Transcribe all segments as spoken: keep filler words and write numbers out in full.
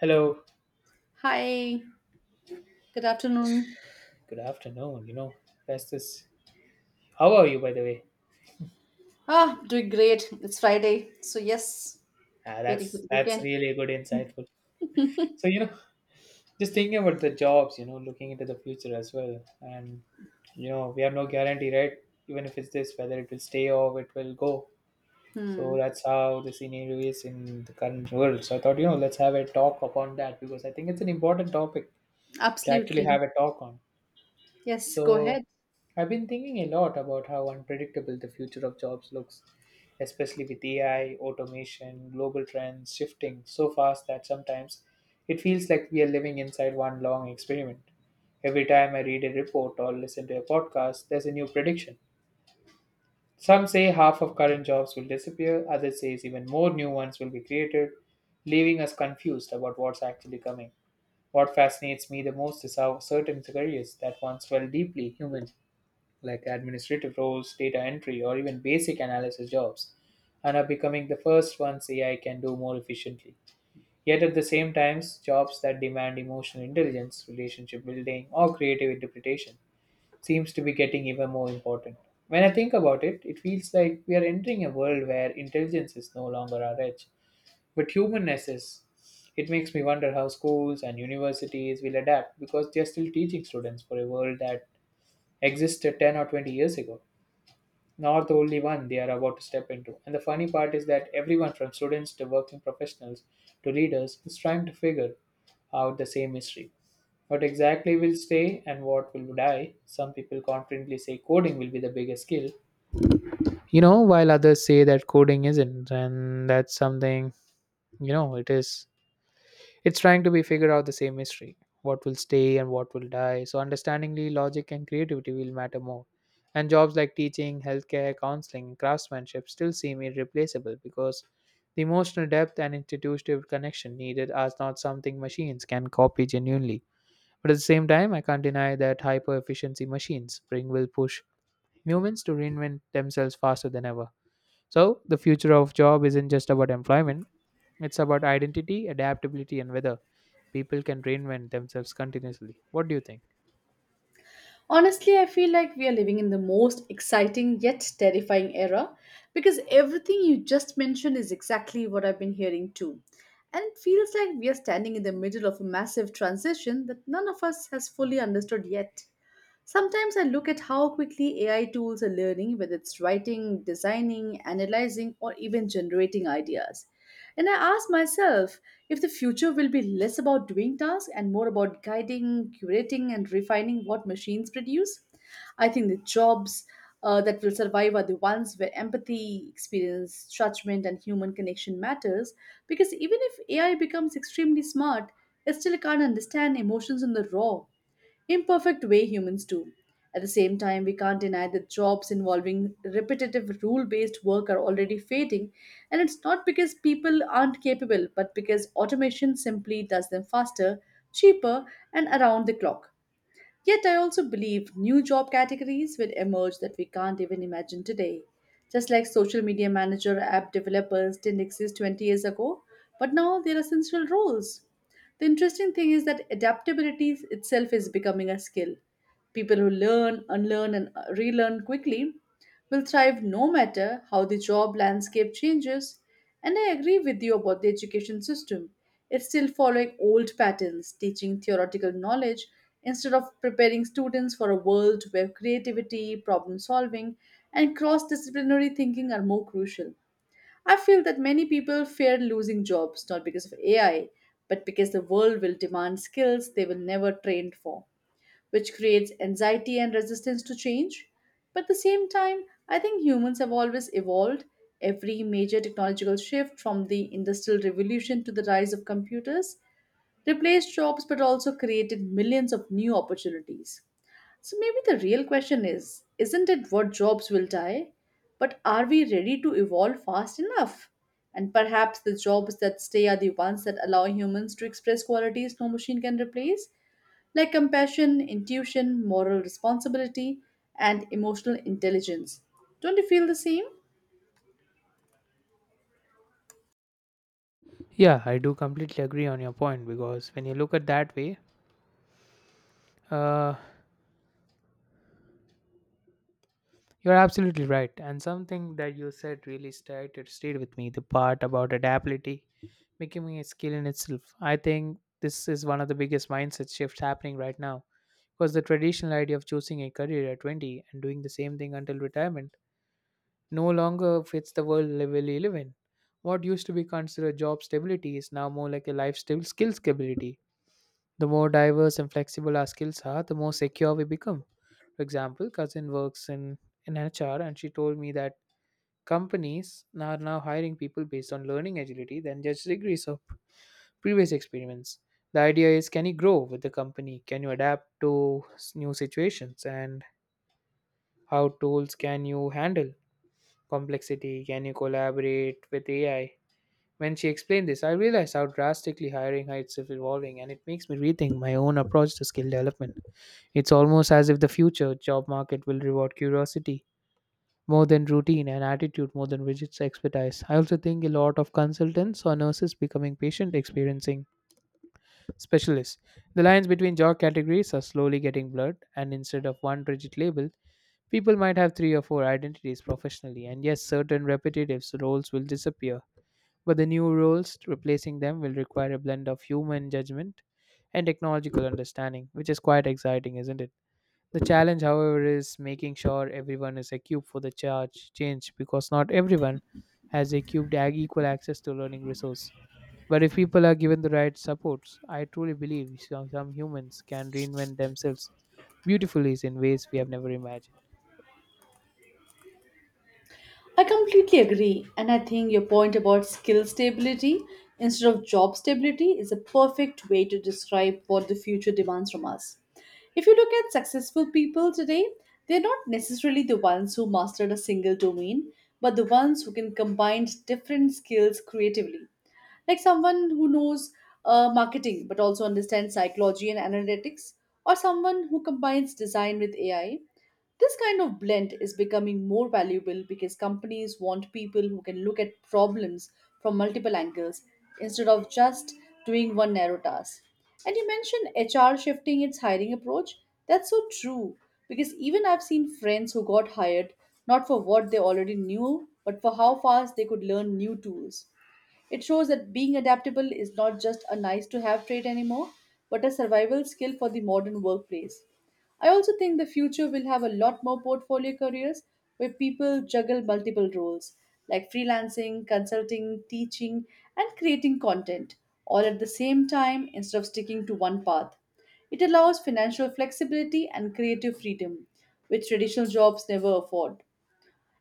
Hello, Hi, good afternoon. good afternoon. You know, that's this. How are you, by the way? Ah, doing great. It's Friday. So, yes, Ah, waiting for that's the that's weekend. really good, insightful. So you know, just thinking about the jobs. You know, looking into the future as well, and you know, we have no guarantee, right? Even if it's this, whether it will stay or it will go. So Hmm, that's how the scenario is in the current world. So I thought, you know, let's have a talk upon that because I think it's an important topic to actually have absolutely. a talk on. Yes, go So ahead. I've been thinking a lot about how unpredictable the future of jobs looks, especially with A I, automation, global trends shifting so fast that sometimes it feels like we are living inside one long experiment. Every time I read a report or listen to a podcast, there's a new prediction. Some say half of current jobs will disappear, others say even more new ones will be created, leaving us confused about what's actually coming. What fascinates me the most is how certain careers that once felt deeply human, like administrative roles, data entry, or even basic analysis jobs, and are becoming the first ones A I can do more efficiently. Yet at the same times, jobs that demand emotional intelligence, relationship building, or creative interpretation seems to be getting even more important. When I think about it, it feels like we are entering a world where intelligence is no longer our edge, but humanness is. It makes me wonder how schools and universities will adapt because they are still teaching students for a world that existed ten or twenty years ago, not the only one they are about to step into. And the funny part is that everyone from students to working professionals to leaders is trying to figure out the same mystery. What exactly will stay and what will die? Some people confidently say coding will be the biggest skill, you know, while others say that coding isn't, and that's something, you know, it is, it's trying to be figured out the same mystery, what will stay and what will die. So understandingly, logic and creativity will matter more. And jobs like teaching, healthcare, counseling, craftsmanship still seem irreplaceable because the emotional depth and institutional connection needed are not something machines can copy genuinely. But at the same time, I can't deny that hyper efficiency machines bring will push humans to reinvent themselves faster than ever. So the future of job isn't just about employment, it's about identity, adaptability, and whether people can reinvent themselves continuously. What do you think? Honestly, I feel like we are living in the most exciting yet terrifying era because everything you just mentioned is exactly what I've been hearing too. And it feels like we are standing in the middle of a massive transition that none of us has fully understood yet. Sometimes I look at how quickly A I tools are learning, whether it's writing, designing, analyzing, or even generating ideas. And I ask myself if the future will be less about doing tasks and more about guiding, curating, and refining what machines produce. I think the jobs uh, that will survive are the ones where empathy, experience, judgment, and human connection matters. Because even if A I becomes extremely smart, it still can't understand emotions in the raw imperfect way humans do. At the same time, we can't deny that jobs involving repetitive rule based work are already fading, and it's not because people aren't capable, but because automation simply does them faster, cheaper, and around the clock. Yet, I also believe new job categories will emerge that we can't even imagine today. Just like social media manager, app developers didn't exist twenty years ago, but now they're essential roles. The interesting thing is that adaptability itself is becoming a skill. People who learn, unlearn, and uh, relearn quickly will thrive no matter how the job landscape changes. And I agree with you about the education system. It's still following old patterns, teaching theoretical knowledge instead of preparing students for a world where creativity, problem solving, and cross disciplinary thinking are more crucial. I feel that many people fear losing jobs not because of A I, but because the world will demand skills they were never trained for, which creates anxiety and resistance to change. But at the same time, I think humans have always evolved. Every major technological shift from the Industrial Revolution to the rise of computers replaced jobs but also created millions of new opportunities. So maybe the real question is isn't it what jobs will die, but are we ready to evolve fast enough? And perhaps the jobs that stay are the ones that allow humans to express qualities no machine can replace, like compassion, intuition, moral responsibility, and emotional intelligence. Don't you feel the same? Yeah, I do completely agree on your point because when you look at that way, uh, you're absolutely right. And something that you said really stayed it stayed with me. The part about adaptability becoming a skill in itself. I think this is one of the biggest mindset shifts happening right now because the traditional idea of choosing a career at twenty and doing the same thing until retirement no longer fits the world we live in. What used to be considered job stability is now more like a life skill, skill stability, the more diverse and flexible our skills are, the more secure we become. For example, cousin works in, in H R and she told me that companies are now hiring people based on learning agility than just degrees of previous experience. The idea is, can you grow with the company? Can you adapt to s- new situations? And how tools can you handle complexity? Can you collaborate with A I? When she explained this, I realized how drastically hiring heights is evolving, and it makes me rethink my own approach to skill development. It's almost as if the future job market will reward curiosity more than routine and attitude more than rigid expertise. I also think a lot of consultants or nurses becoming patient experiencing specialists. The lines between job categories are slowly getting blurred, and instead of one rigid label, people might have three or four identities professionally. And yes, certain repetitive roles will disappear, but the new roles replacing them will require a blend of human judgment and technological understanding, which is quite exciting, isn't it? The challenge, however, is making sure everyone is equipped for the charge change because not everyone has equipped ag- equal access to learning resource. But if people are given the right supports, I truly believe some some humans can reinvent themselves beautifully in ways we have never imagined. I completely agree, and I think your point about skill stability instead of job stability is a perfect way to describe what the future demands from us. If you look at successful people today, they're not necessarily the ones who mastered a single domain, but the ones who can combine different skills creatively. Like someone who knows uh, marketing but also understands psychology and analytics, or someone who combines design with A I. This kind of blend is becoming more valuable because companies want people who can look at problems from multiple angles instead of just doing one narrow task. And you mentioned H R shifting its hiring approach. That's so true because even I've seen friends who got hired not for what they already knew, but for how fast they could learn new tools. It shows that being adaptable is not just a nice to have trait anymore, but a survival skill for the modern workplace. I also think the future will have a lot more portfolio careers where people juggle multiple roles like freelancing, consulting, teaching, and creating content all at the same time instead of sticking to one path. It allows financial flexibility and creative freedom, which traditional jobs never afford.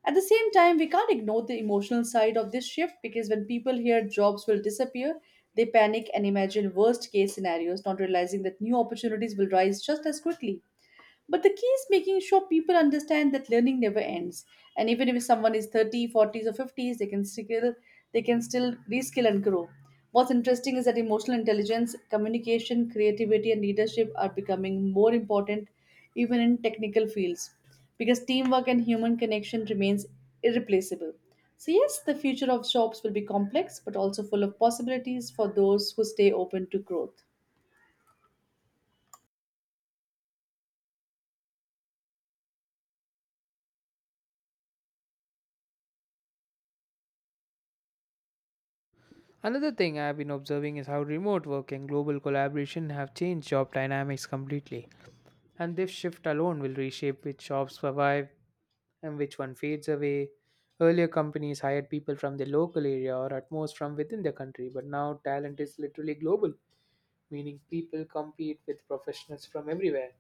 At the same time, we can't ignore the emotional side of this shift, because when people hear jobs will disappear, they panic and imagine worst case scenarios, not realizing that new opportunities will rise just as quickly. But the key is making sure people understand that learning never ends. And even if someone is thirty, forties, or fifties, they can still they can still reskill and grow. What's interesting is that emotional intelligence, communication, creativity, and leadership are becoming more important even in technical fields because teamwork and human connection remains irreplaceable. So yes, the future of jobs will be complex but also full of possibilities for those who stay open to growth. Another thing I have been observing is how remote work and global collaboration have changed job dynamics completely. And this shift alone will reshape which shops survive and which one fades away. Earlier, companies hired people from the local area or at most from within the country, but now talent is literally global, meaning people compete with professionals from everywhere.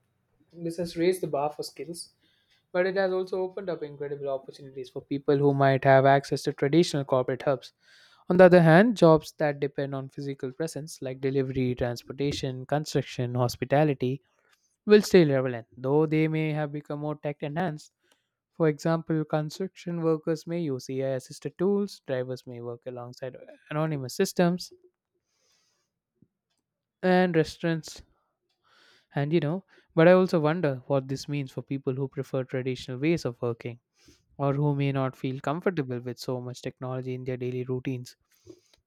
This has raised the bar for skills, but it has also opened up incredible opportunities for people who might have access to traditional corporate hubs. On the other hand, jobs that depend on physical presence, like delivery, transportation, construction, hospitality, will stay relevant, though they may have become more tech enhanced. For example, construction workers may use A I assisted tools, drivers may work alongside anonymous systems, and restaurants. And you know, but I also wonder what this means for people who prefer traditional ways of working, or who may not feel comfortable with so much technology in their daily routines.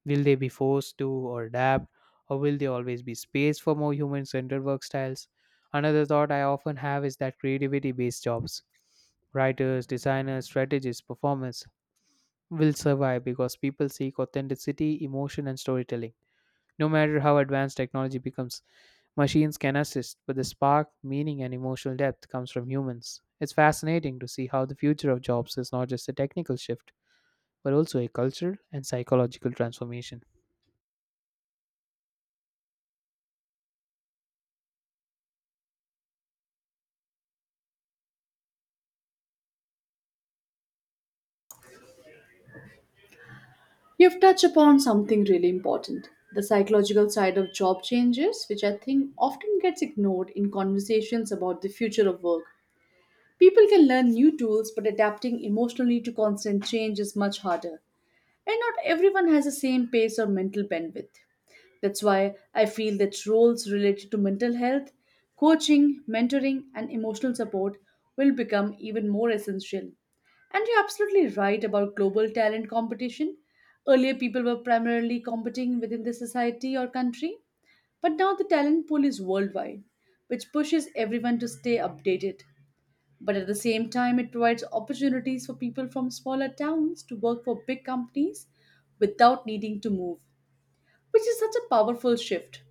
Will they be forced to or adapt, or will there always be space for more human centered work styles? Another thought I often have is that creativity based jobs, writers, designers, strategists, performers, will survive because people seek authenticity, emotion, and storytelling. No matter how advanced technology becomes, machines can assist, but the spark, meaning, and emotional depth comes from humans. It's fascinating to see how the future of jobs is not just a technical shift, but also a cultural and psychological transformation. You've touched upon something really important, the psychological side of job changes, which I think often gets ignored in conversations about the future of work. People can learn new tools, but adapting emotionally to constant change is much harder. And not everyone has the same pace or mental bandwidth. That's why I feel that roles related to mental health, coaching, mentoring, and emotional support will become even more essential. And you're absolutely right about global talent competition. Earlier, people were primarily competing within the society or country, but now the talent pool is worldwide, which pushes everyone to stay updated. But at the same time, it provides opportunities for people from smaller towns to work for big companies without needing to move, which is such a powerful shift.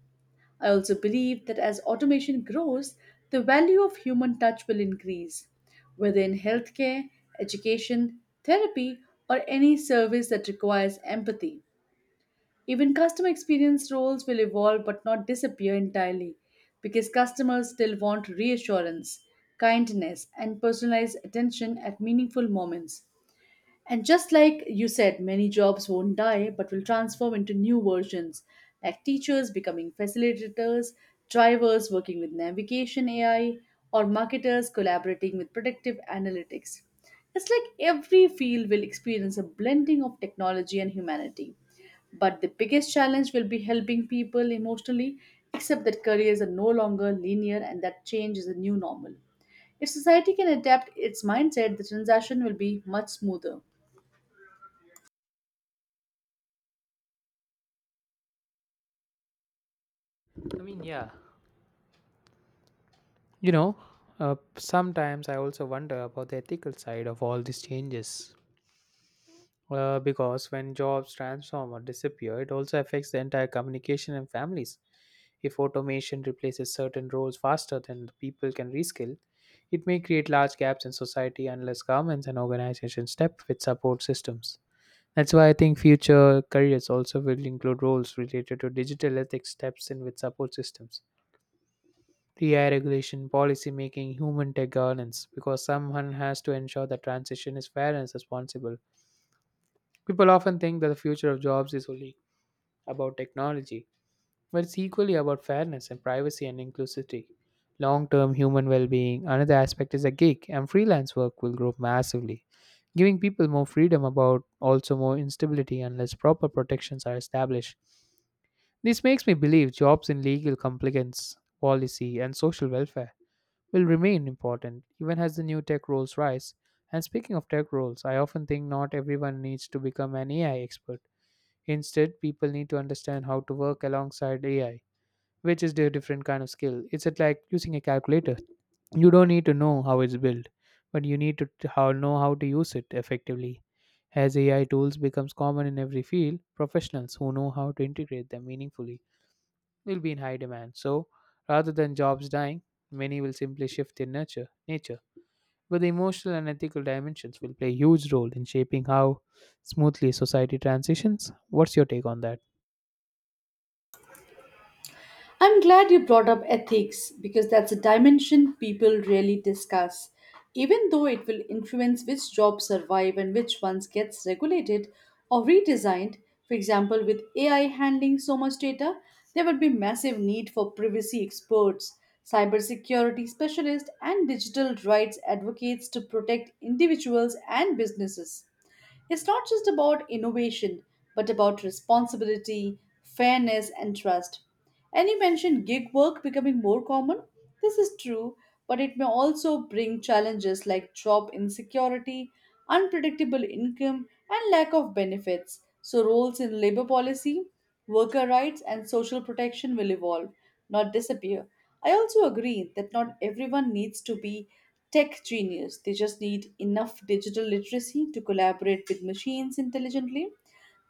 I also believe that as automation grows, the value of human touch will increase, whether in healthcare, education, therapy, or any service that requires empathy. Even customer experience roles will evolve but not disappear entirely because customers still want reassurance, kindness, and personalized attention at meaningful moments. And just like you said, many jobs won't die but will transform into new versions, like teachers becoming facilitators, drivers working with navigation A I, or marketers collaborating with predictive analytics. It's like every field will experience a blending of technology and humanity. But the biggest challenge will be helping people emotionally accept that careers are no longer linear and that change is a new normal. If society can adapt its mindset, the transition will be much smoother. I mean, yeah. You know, uh, sometimes I also wonder about the ethical side of all these changes. Uh, because when jobs transform or disappear, it also affects the entire communication and families. If automation replaces certain roles faster than the people can reskill, it may create large gaps in society unless governments and organizations step with support systems. That's why I think future careers also will include roles related to digital ethics steps in with support systems. D I regulation, policy making, human tech governance, because someone has to ensure the transition is fair and responsible. People often think that the future of jobs is only about technology, but it's equally about fairness and privacy and inclusivity. Long term human well being, another aspect is a gig, and freelance work will grow massively, giving people more freedom about also more instability unless proper protections are established. This makes me believe jobs in legal compliance, policy, and social welfare will remain important even as the new tech roles rise. And speaking of tech roles, I often think not everyone needs to become an A I expert. Instead, people need to understand how to work alongside A I, which is a different kind of skill. It's at like using a calculator. You don't need to know how it's built, but you need to t- how know how to use it effectively. As A I tools becomes common in every field, professionals who know how to integrate them meaningfully will be in high demand. So, rather than jobs dying, many will simply shift their nature, nature. But the emotional and ethical dimensions will play a huge role in shaping how smoothly society transitions. What's your take on that? I'm glad you brought up ethics because that's a dimension people rarely discuss, even though it will influence which jobs survive and which ones gets regulated or redesigned. For example, with A I handling so much data, there would be massive need for privacy experts, cybersecurity specialists, and digital rights advocates to protect individuals and businesses. It's not just about innovation, but about responsibility, fairness, and trust. And you mentioned gig work becoming more common. This is true, but it may also bring challenges like job insecurity, unpredictable income, and lack of benefits. So, roles in labor policy, worker rights and social protection will evolve, not disappear. I also agree that not everyone needs to be tech genius. They just need enough digital literacy to collaborate with machines intelligently.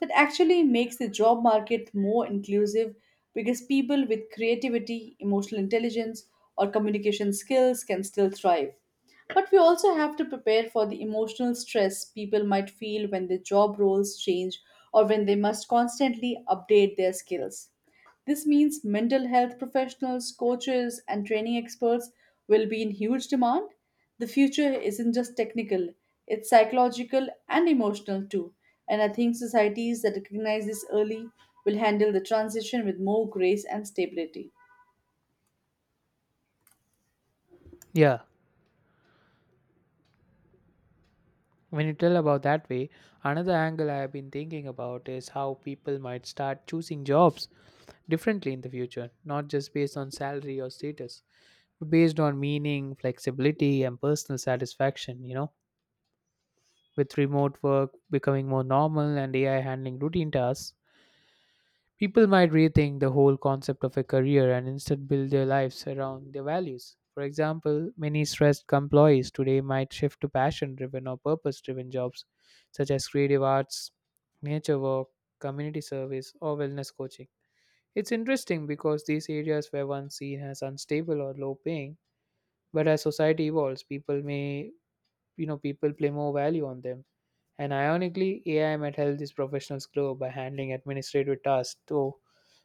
That actually makes the job market more inclusive because people with creativity, emotional intelligence, or communication skills can still thrive. But we also have to prepare for the emotional stress people might feel when their job roles change or when they must constantly update their skills. This means mental health professionals, coaches, and training experts will be in huge demand. The future isn't just technical, it's psychological and emotional too. And I think societies that recognize this early will handle the transition with more grace and stability. Yeah. When you tell about that way, another angle I have been thinking about is how people might start choosing jobs differently in the future, not just based on salary or status, but based on meaning, flexibility, and personal satisfaction. You know, with remote work becoming more normal and A I handling routine tasks, people might rethink the whole concept of a career and instead build their lives around their values. For example, many stressed employees today might shift to passion driven or purpose driven jobs such as creative arts, nature work, community service, or wellness coaching. It's interesting because these areas were once seen as unstable or low paying, but as society evolves, people may, you know, people play more value on them. And ironically, A I might help these professionals grow by handling administrative tasks so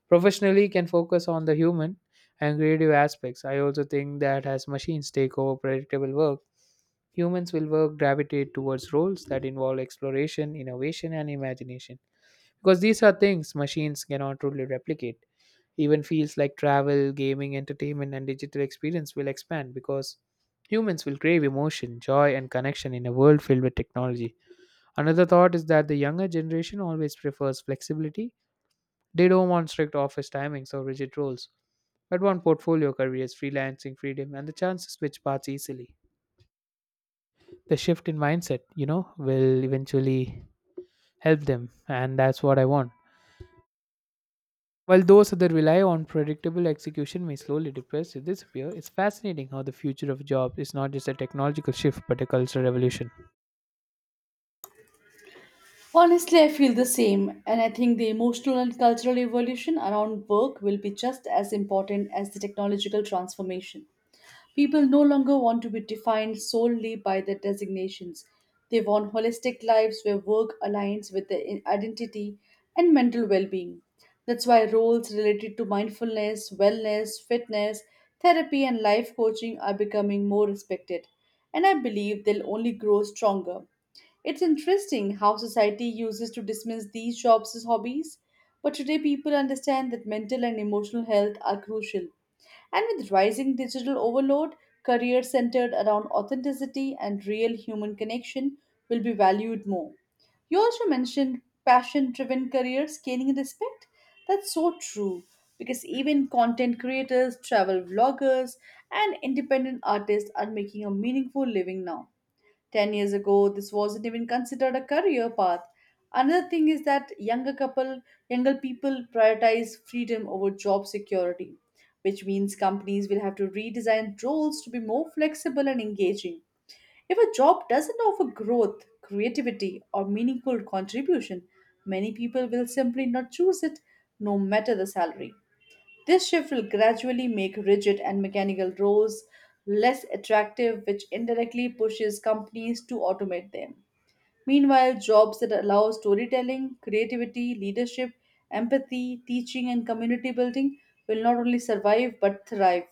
professionally can focus on the human and creative aspects. I also think that as machines take over predictable work, humans will work gravitate towards roles that involve exploration, innovation, and imagination. Because these are things machines cannot truly replicate. Even fields like travel, gaming, entertainment, and digital experience will expand because humans will crave emotion, joy, and connection in a world filled with technology. Another thought is that the younger generation always prefers flexibility. They don't want strict office timings or rigid roles, but want portfolio careers, freelancing freedom, and the chance to switch paths easily. The shift in mindset, you know, will eventually help them, and that's what I want. While those that rely on predictable execution may slowly depress or disappear, it's fascinating how the future of jobs is not just a technological shift but a cultural revolution. Honestly, I feel the same, and I think the emotional and cultural evolution around work will be just as important as the technological transformation. People no longer want to be defined solely by their designations. They want holistic lives where work aligns with their i- identity and mental well being. That's why roles related to mindfulness, wellness, fitness, therapy, and life coaching are becoming more respected. And I believe they'll only grow stronger. It's interesting how society uses to dismiss these jobs as hobbies, but today people understand that mental and emotional health are crucial. And with rising digital overload, careers centered around authenticity and real human connection will be valued more. You also mentioned passion driven careers gaining respect. That's so true because even content creators, travel vloggers, and independent artists are making a meaningful living now. ten years ago this wasn't even considered a career path. Another thing is that younger couple younger people prioritize freedom over job security, which means companies will have to redesign roles to be more flexible and engaging. If a job doesn't offer growth, creativity or meaningful contribution, many people will simply not choose it, no matter the salary. This shift will gradually make rigid and mechanical roles less attractive, which indirectly pushes companies to automate them. Meanwhile, jobs that allow storytelling, creativity, leadership, empathy, teaching, and community building will not only survive but thrive.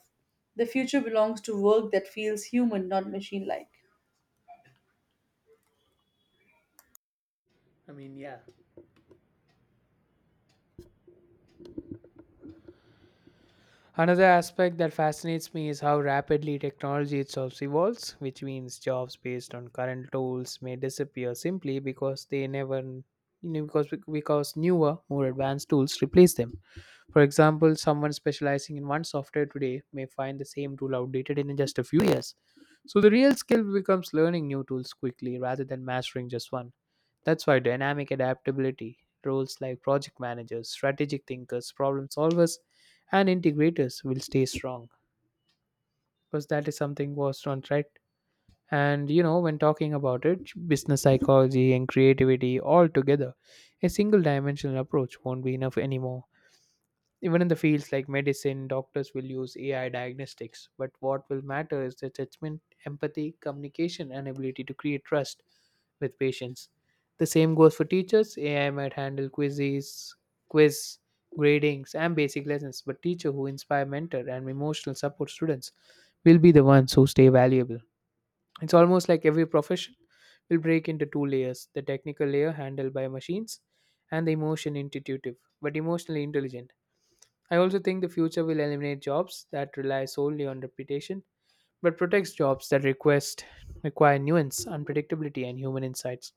The future belongs to work that feels human, not machine like. I mean, yeah. Another aspect that fascinates me is how rapidly technology itself evolves, which means jobs based on current tools may disappear simply because they never you know, because because newer, more advanced tools replace them. For example, someone specializing in one software today may find the same tool outdated in just a few years. So the real skill becomes learning new tools quickly rather than mastering just one. That's why dynamic adaptability, roles like project managers, strategic thinkers, problem solvers, and integrators will stay strong because that is something was on right. And you know when talking about it, business, psychology, and creativity all together, a single dimensional approach won't be enough anymore. Even in the fields like medicine, doctors will use AI diagnostics, but what will matter is the judgment, empathy, communication, and ability to create trust with patience. The same goes for teachers. A I might handle quizzes, quiz, gradings, and basic lessons, but teacher who inspire, mentor, and emotional support students will be the ones who stay valuable. It's almost like every profession will break into two layers, the technical layer handled by machines and the emotion intuitive but emotionally intelligent. I also think the future will eliminate jobs that rely solely on reputation but protects jobs that request require nuance, unpredictability, and human insights.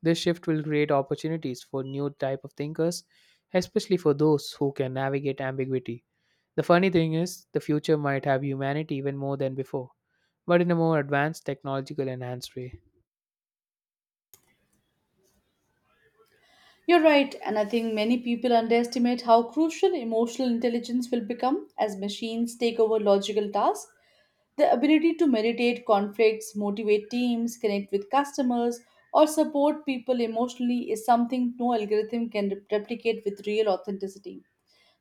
This shift will create opportunities for new type of thinkers, especially for those who can navigate ambiguity. The funny thing is, the future might have humanity even more than before, but in a more advanced technological enhanced way. You're right, and I think many people underestimate how crucial emotional intelligence will become as machines take over logical tasks. The ability to meditate conflicts, motivate teams, connect with customers, or support people emotionally is something no algorithm can rep- replicate with real authenticity.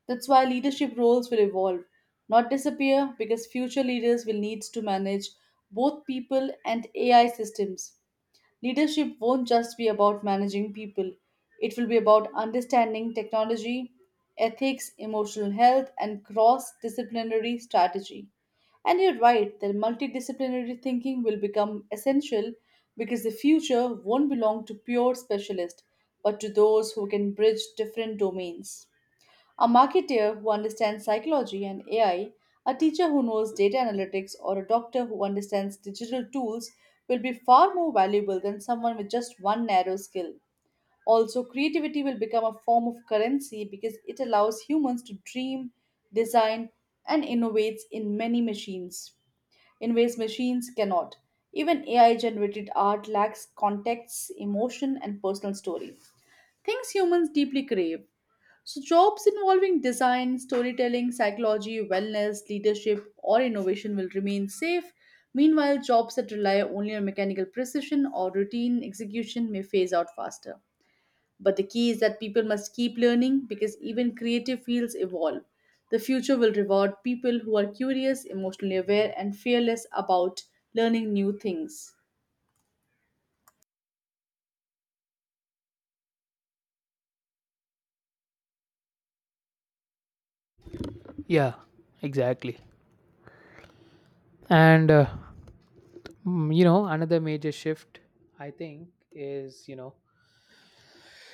That's why leadership roles will evolve, not disappear, because future leaders will need to manage both people and A I systems. Leadership won't just be about managing people, it will be about understanding technology, ethics, emotional health, and cross disciplinary strategy. And you're right that multidisciplinary thinking will become essential because the future won't belong to pure specialists, but to those who can bridge different domains. A marketeer who understands psychology and A I, a teacher who knows data analytics, or a doctor who understands digital tools will be far more valuable than someone with just one narrow skill. Also, creativity will become a form of currency because it allows humans to dream, design, and innovate in many machines in ways machines cannot. Even A I generated art lacks context, emotion, and personal story. Things humans deeply crave. So, jobs involving design, storytelling, psychology, wellness, leadership, or innovation will remain safe. Meanwhile, jobs that rely only on mechanical precision or routine execution may phase out faster. But the key is that people must keep learning because even creative fields evolve. The future will reward people who are curious, emotionally aware, and fearless about learning new things. Yeah, exactly. And uh, mm, you know, Another major shift I think is, you know,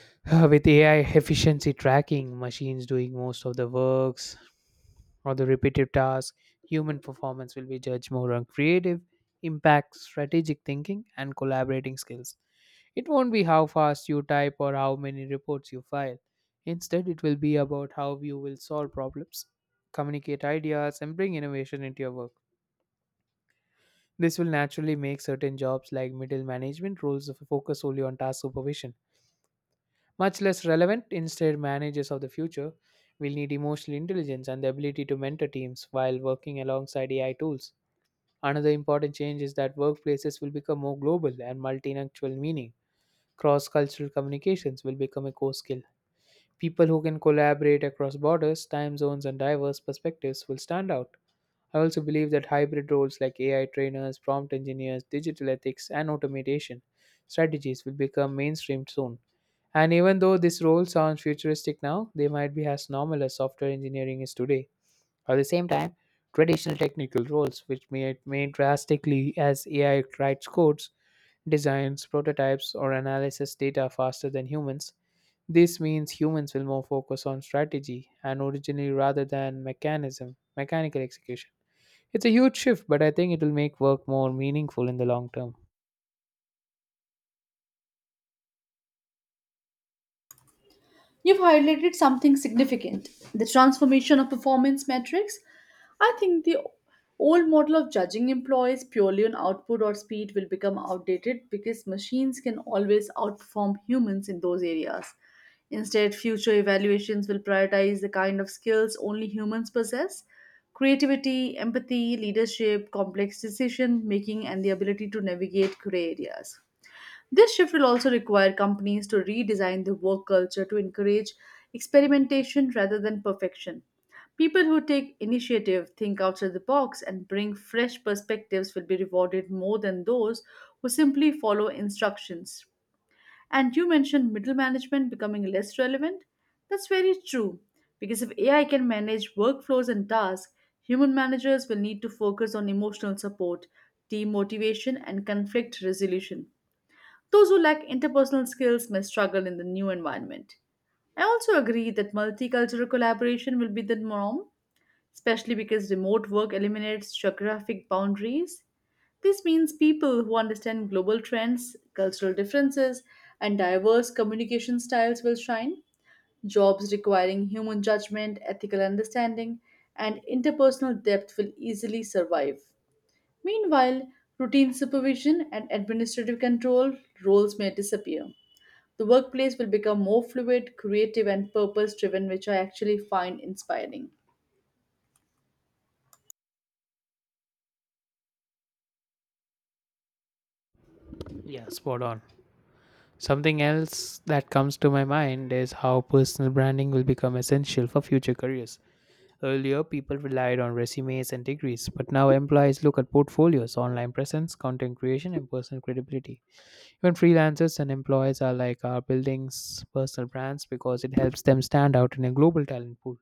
Uh, with A I efficiency tracking, machines doing most of the works or the repetitive tasks, human performance will be judged more on creative impact, strategic thinking, and collaborating skills. It won't be how fast you type or how many reports you file. Instead, it will be about how you will solve problems, communicate ideas, and bring innovation into your work. This will naturally make certain jobs like middle management roles focus solely on task supervision much less relevant. Instead, managers of the future will need emotional intelligence and the ability to mentor teams while working alongside A I tools. Another important change is that workplaces will become more global and multilingual, meaning cross cultural communications will become a core skill. People who can collaborate across borders, time zones, and diverse perspectives will stand out. I also believe that hybrid roles like A I trainers, prompt engineers, digital ethics, and automation strategies will become mainstream soon, and even though this role sounds futuristic now, they might be as normal as software engineering is today. At the same time, traditional technical roles, which may, may drastically as A I writes codes, designs, prototypes, or analyzes data faster than humans, this means humans will more focus on strategy and originally rather than mechanism, mechanical execution. It's a huge shift, but I think it will make work more meaningful in the long term. You've highlighted something significant the transformation of performance metrics. I think the old model of judging employees purely on output or speed will become outdated because machines can always outperform humans in those areas. Instead, future evaluations will prioritize the kind of skills only humans possess creativity, empathy, leadership, complex decision making, and the ability to navigate gray areas. This shift will also require companies to redesign their work culture to encourage experimentation rather than perfection. People who take initiative, think outside the box, and bring fresh perspectives will be rewarded more than those who simply follow instructions. And you mentioned middle management becoming less relevant. That's very true, because if A I can manage workflows and tasks, human managers will need to focus on emotional support, team motivation, and conflict resolution. Those who lack interpersonal skills may struggle in the new environment. I also agree that multicultural collaboration will be the norm, especially because remote work eliminates geographic boundaries. This means people who understand global trends, cultural differences, and diverse communication styles will shine. Jobs requiring human judgment, ethical understanding, and interpersonal depth will easily survive. Meanwhile, routine supervision and administrative control roles may disappear. The workplace will become more fluid, creative, and purpose driven, which I actually find inspiring. Yeah, spot on. Something else that comes to my mind is how personal branding will become essential for future careers. Earlier, people relied on resumes and degrees, but now employees look at portfolios, online presence, content creation, and personal credibility. Even freelancers and employees are like our buildings personal brands because it helps them stand out in a global talent pool.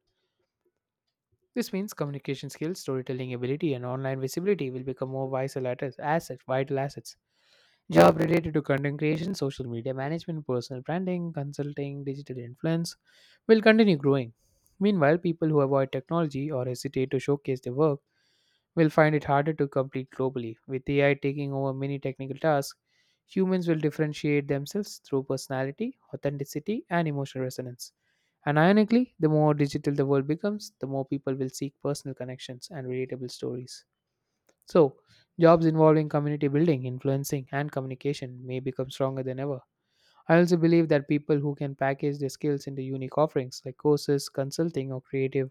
This means communication skills, storytelling ability, and online visibility will become more vital assets, vital assets. Job related to content creation, social media management, personal branding, consulting, digital influence will continue growing. Meanwhile, people who avoid technology or hesitate to showcase their work will find it harder to compete globally. With A I taking over many technical tasks, humans will differentiate themselves through personality, authenticity, and emotional resonance. And ironically, the more digital the world becomes, the more people will seek personal connections and relatable stories. So, jobs involving community building, influencing, and communication may become stronger than ever. I also believe that people who can package their skills into unique offerings like courses, consulting, or creative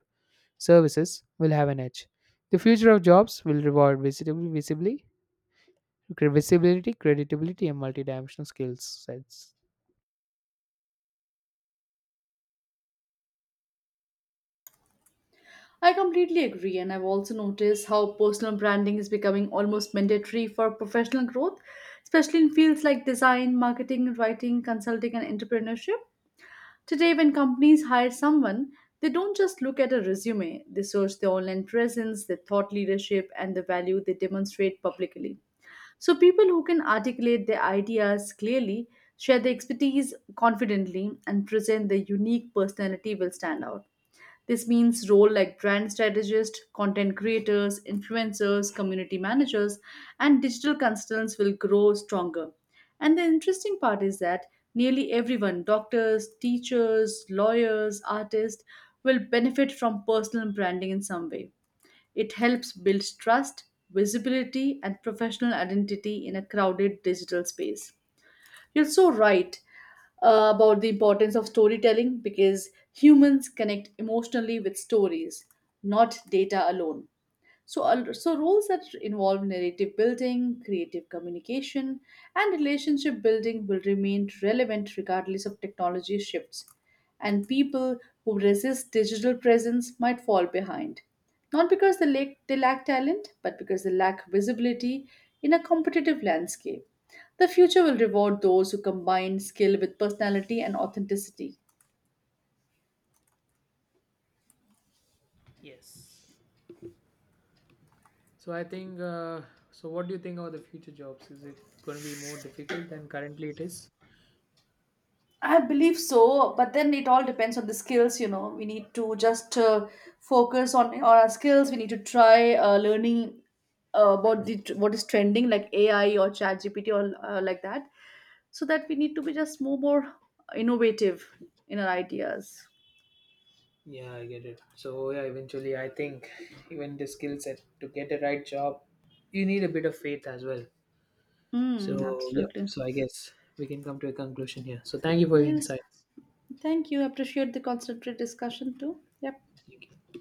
services will have an edge. The future of jobs will reward visitab- visibly, visibility, credibility, and multidimensional skill sets. I completely agree, and I've also noticed how personal branding is becoming almost mandatory for professional growth, especially in fields like design, marketing, writing, consulting, and entrepreneurship. Today, when companies hire someone, they don't just look at a resume, they search their online presence, their thought leadership, and the value they demonstrate publicly. So, people who can articulate their ideas clearly, share their expertise confidently, and present their unique personality will stand out. This means roles like brand strategists, content creators, influencers, community managers, and digital consultants will grow stronger. And the interesting part is that nearly everyone doctors, teachers, lawyers, artists will benefit from personal branding in some way it helps build trust, visibility, and professional identity in a crowded digital space. You're so right uh, about the importance of storytelling because humans connect emotionally with stories, not data alone. So, al- so roles that involve narrative building, creative communication, and relationship building will remain relevant regardless of technology shifts. And people who resist digital presence might fall behind, not because they lack, they lack talent, but because they lack visibility in a competitive landscape. The future will reward those who combine skill with personality and authenticity. Yes. So I think. Uh, so what do you think about the future jobs? Is it going to be more difficult than currently it is? I believe so, but then it all depends on the skills, you know. We need to just uh, focus on, on our skills. We need to try uh, learning uh, about the, what is trending, like A I or ChatGPT or uh, like that, so that we need to be just more more innovative in our ideas. Yeah, I get it. So yeah, eventually I think even the skill set to get the right job, you need a bit of faith as well. Mm, So yep. absolutely. So I guess we can come to a conclusion here. So thank you for your Yes. insights. Thank you. Appreciate the concentrated discussion too. Yep. Thank you.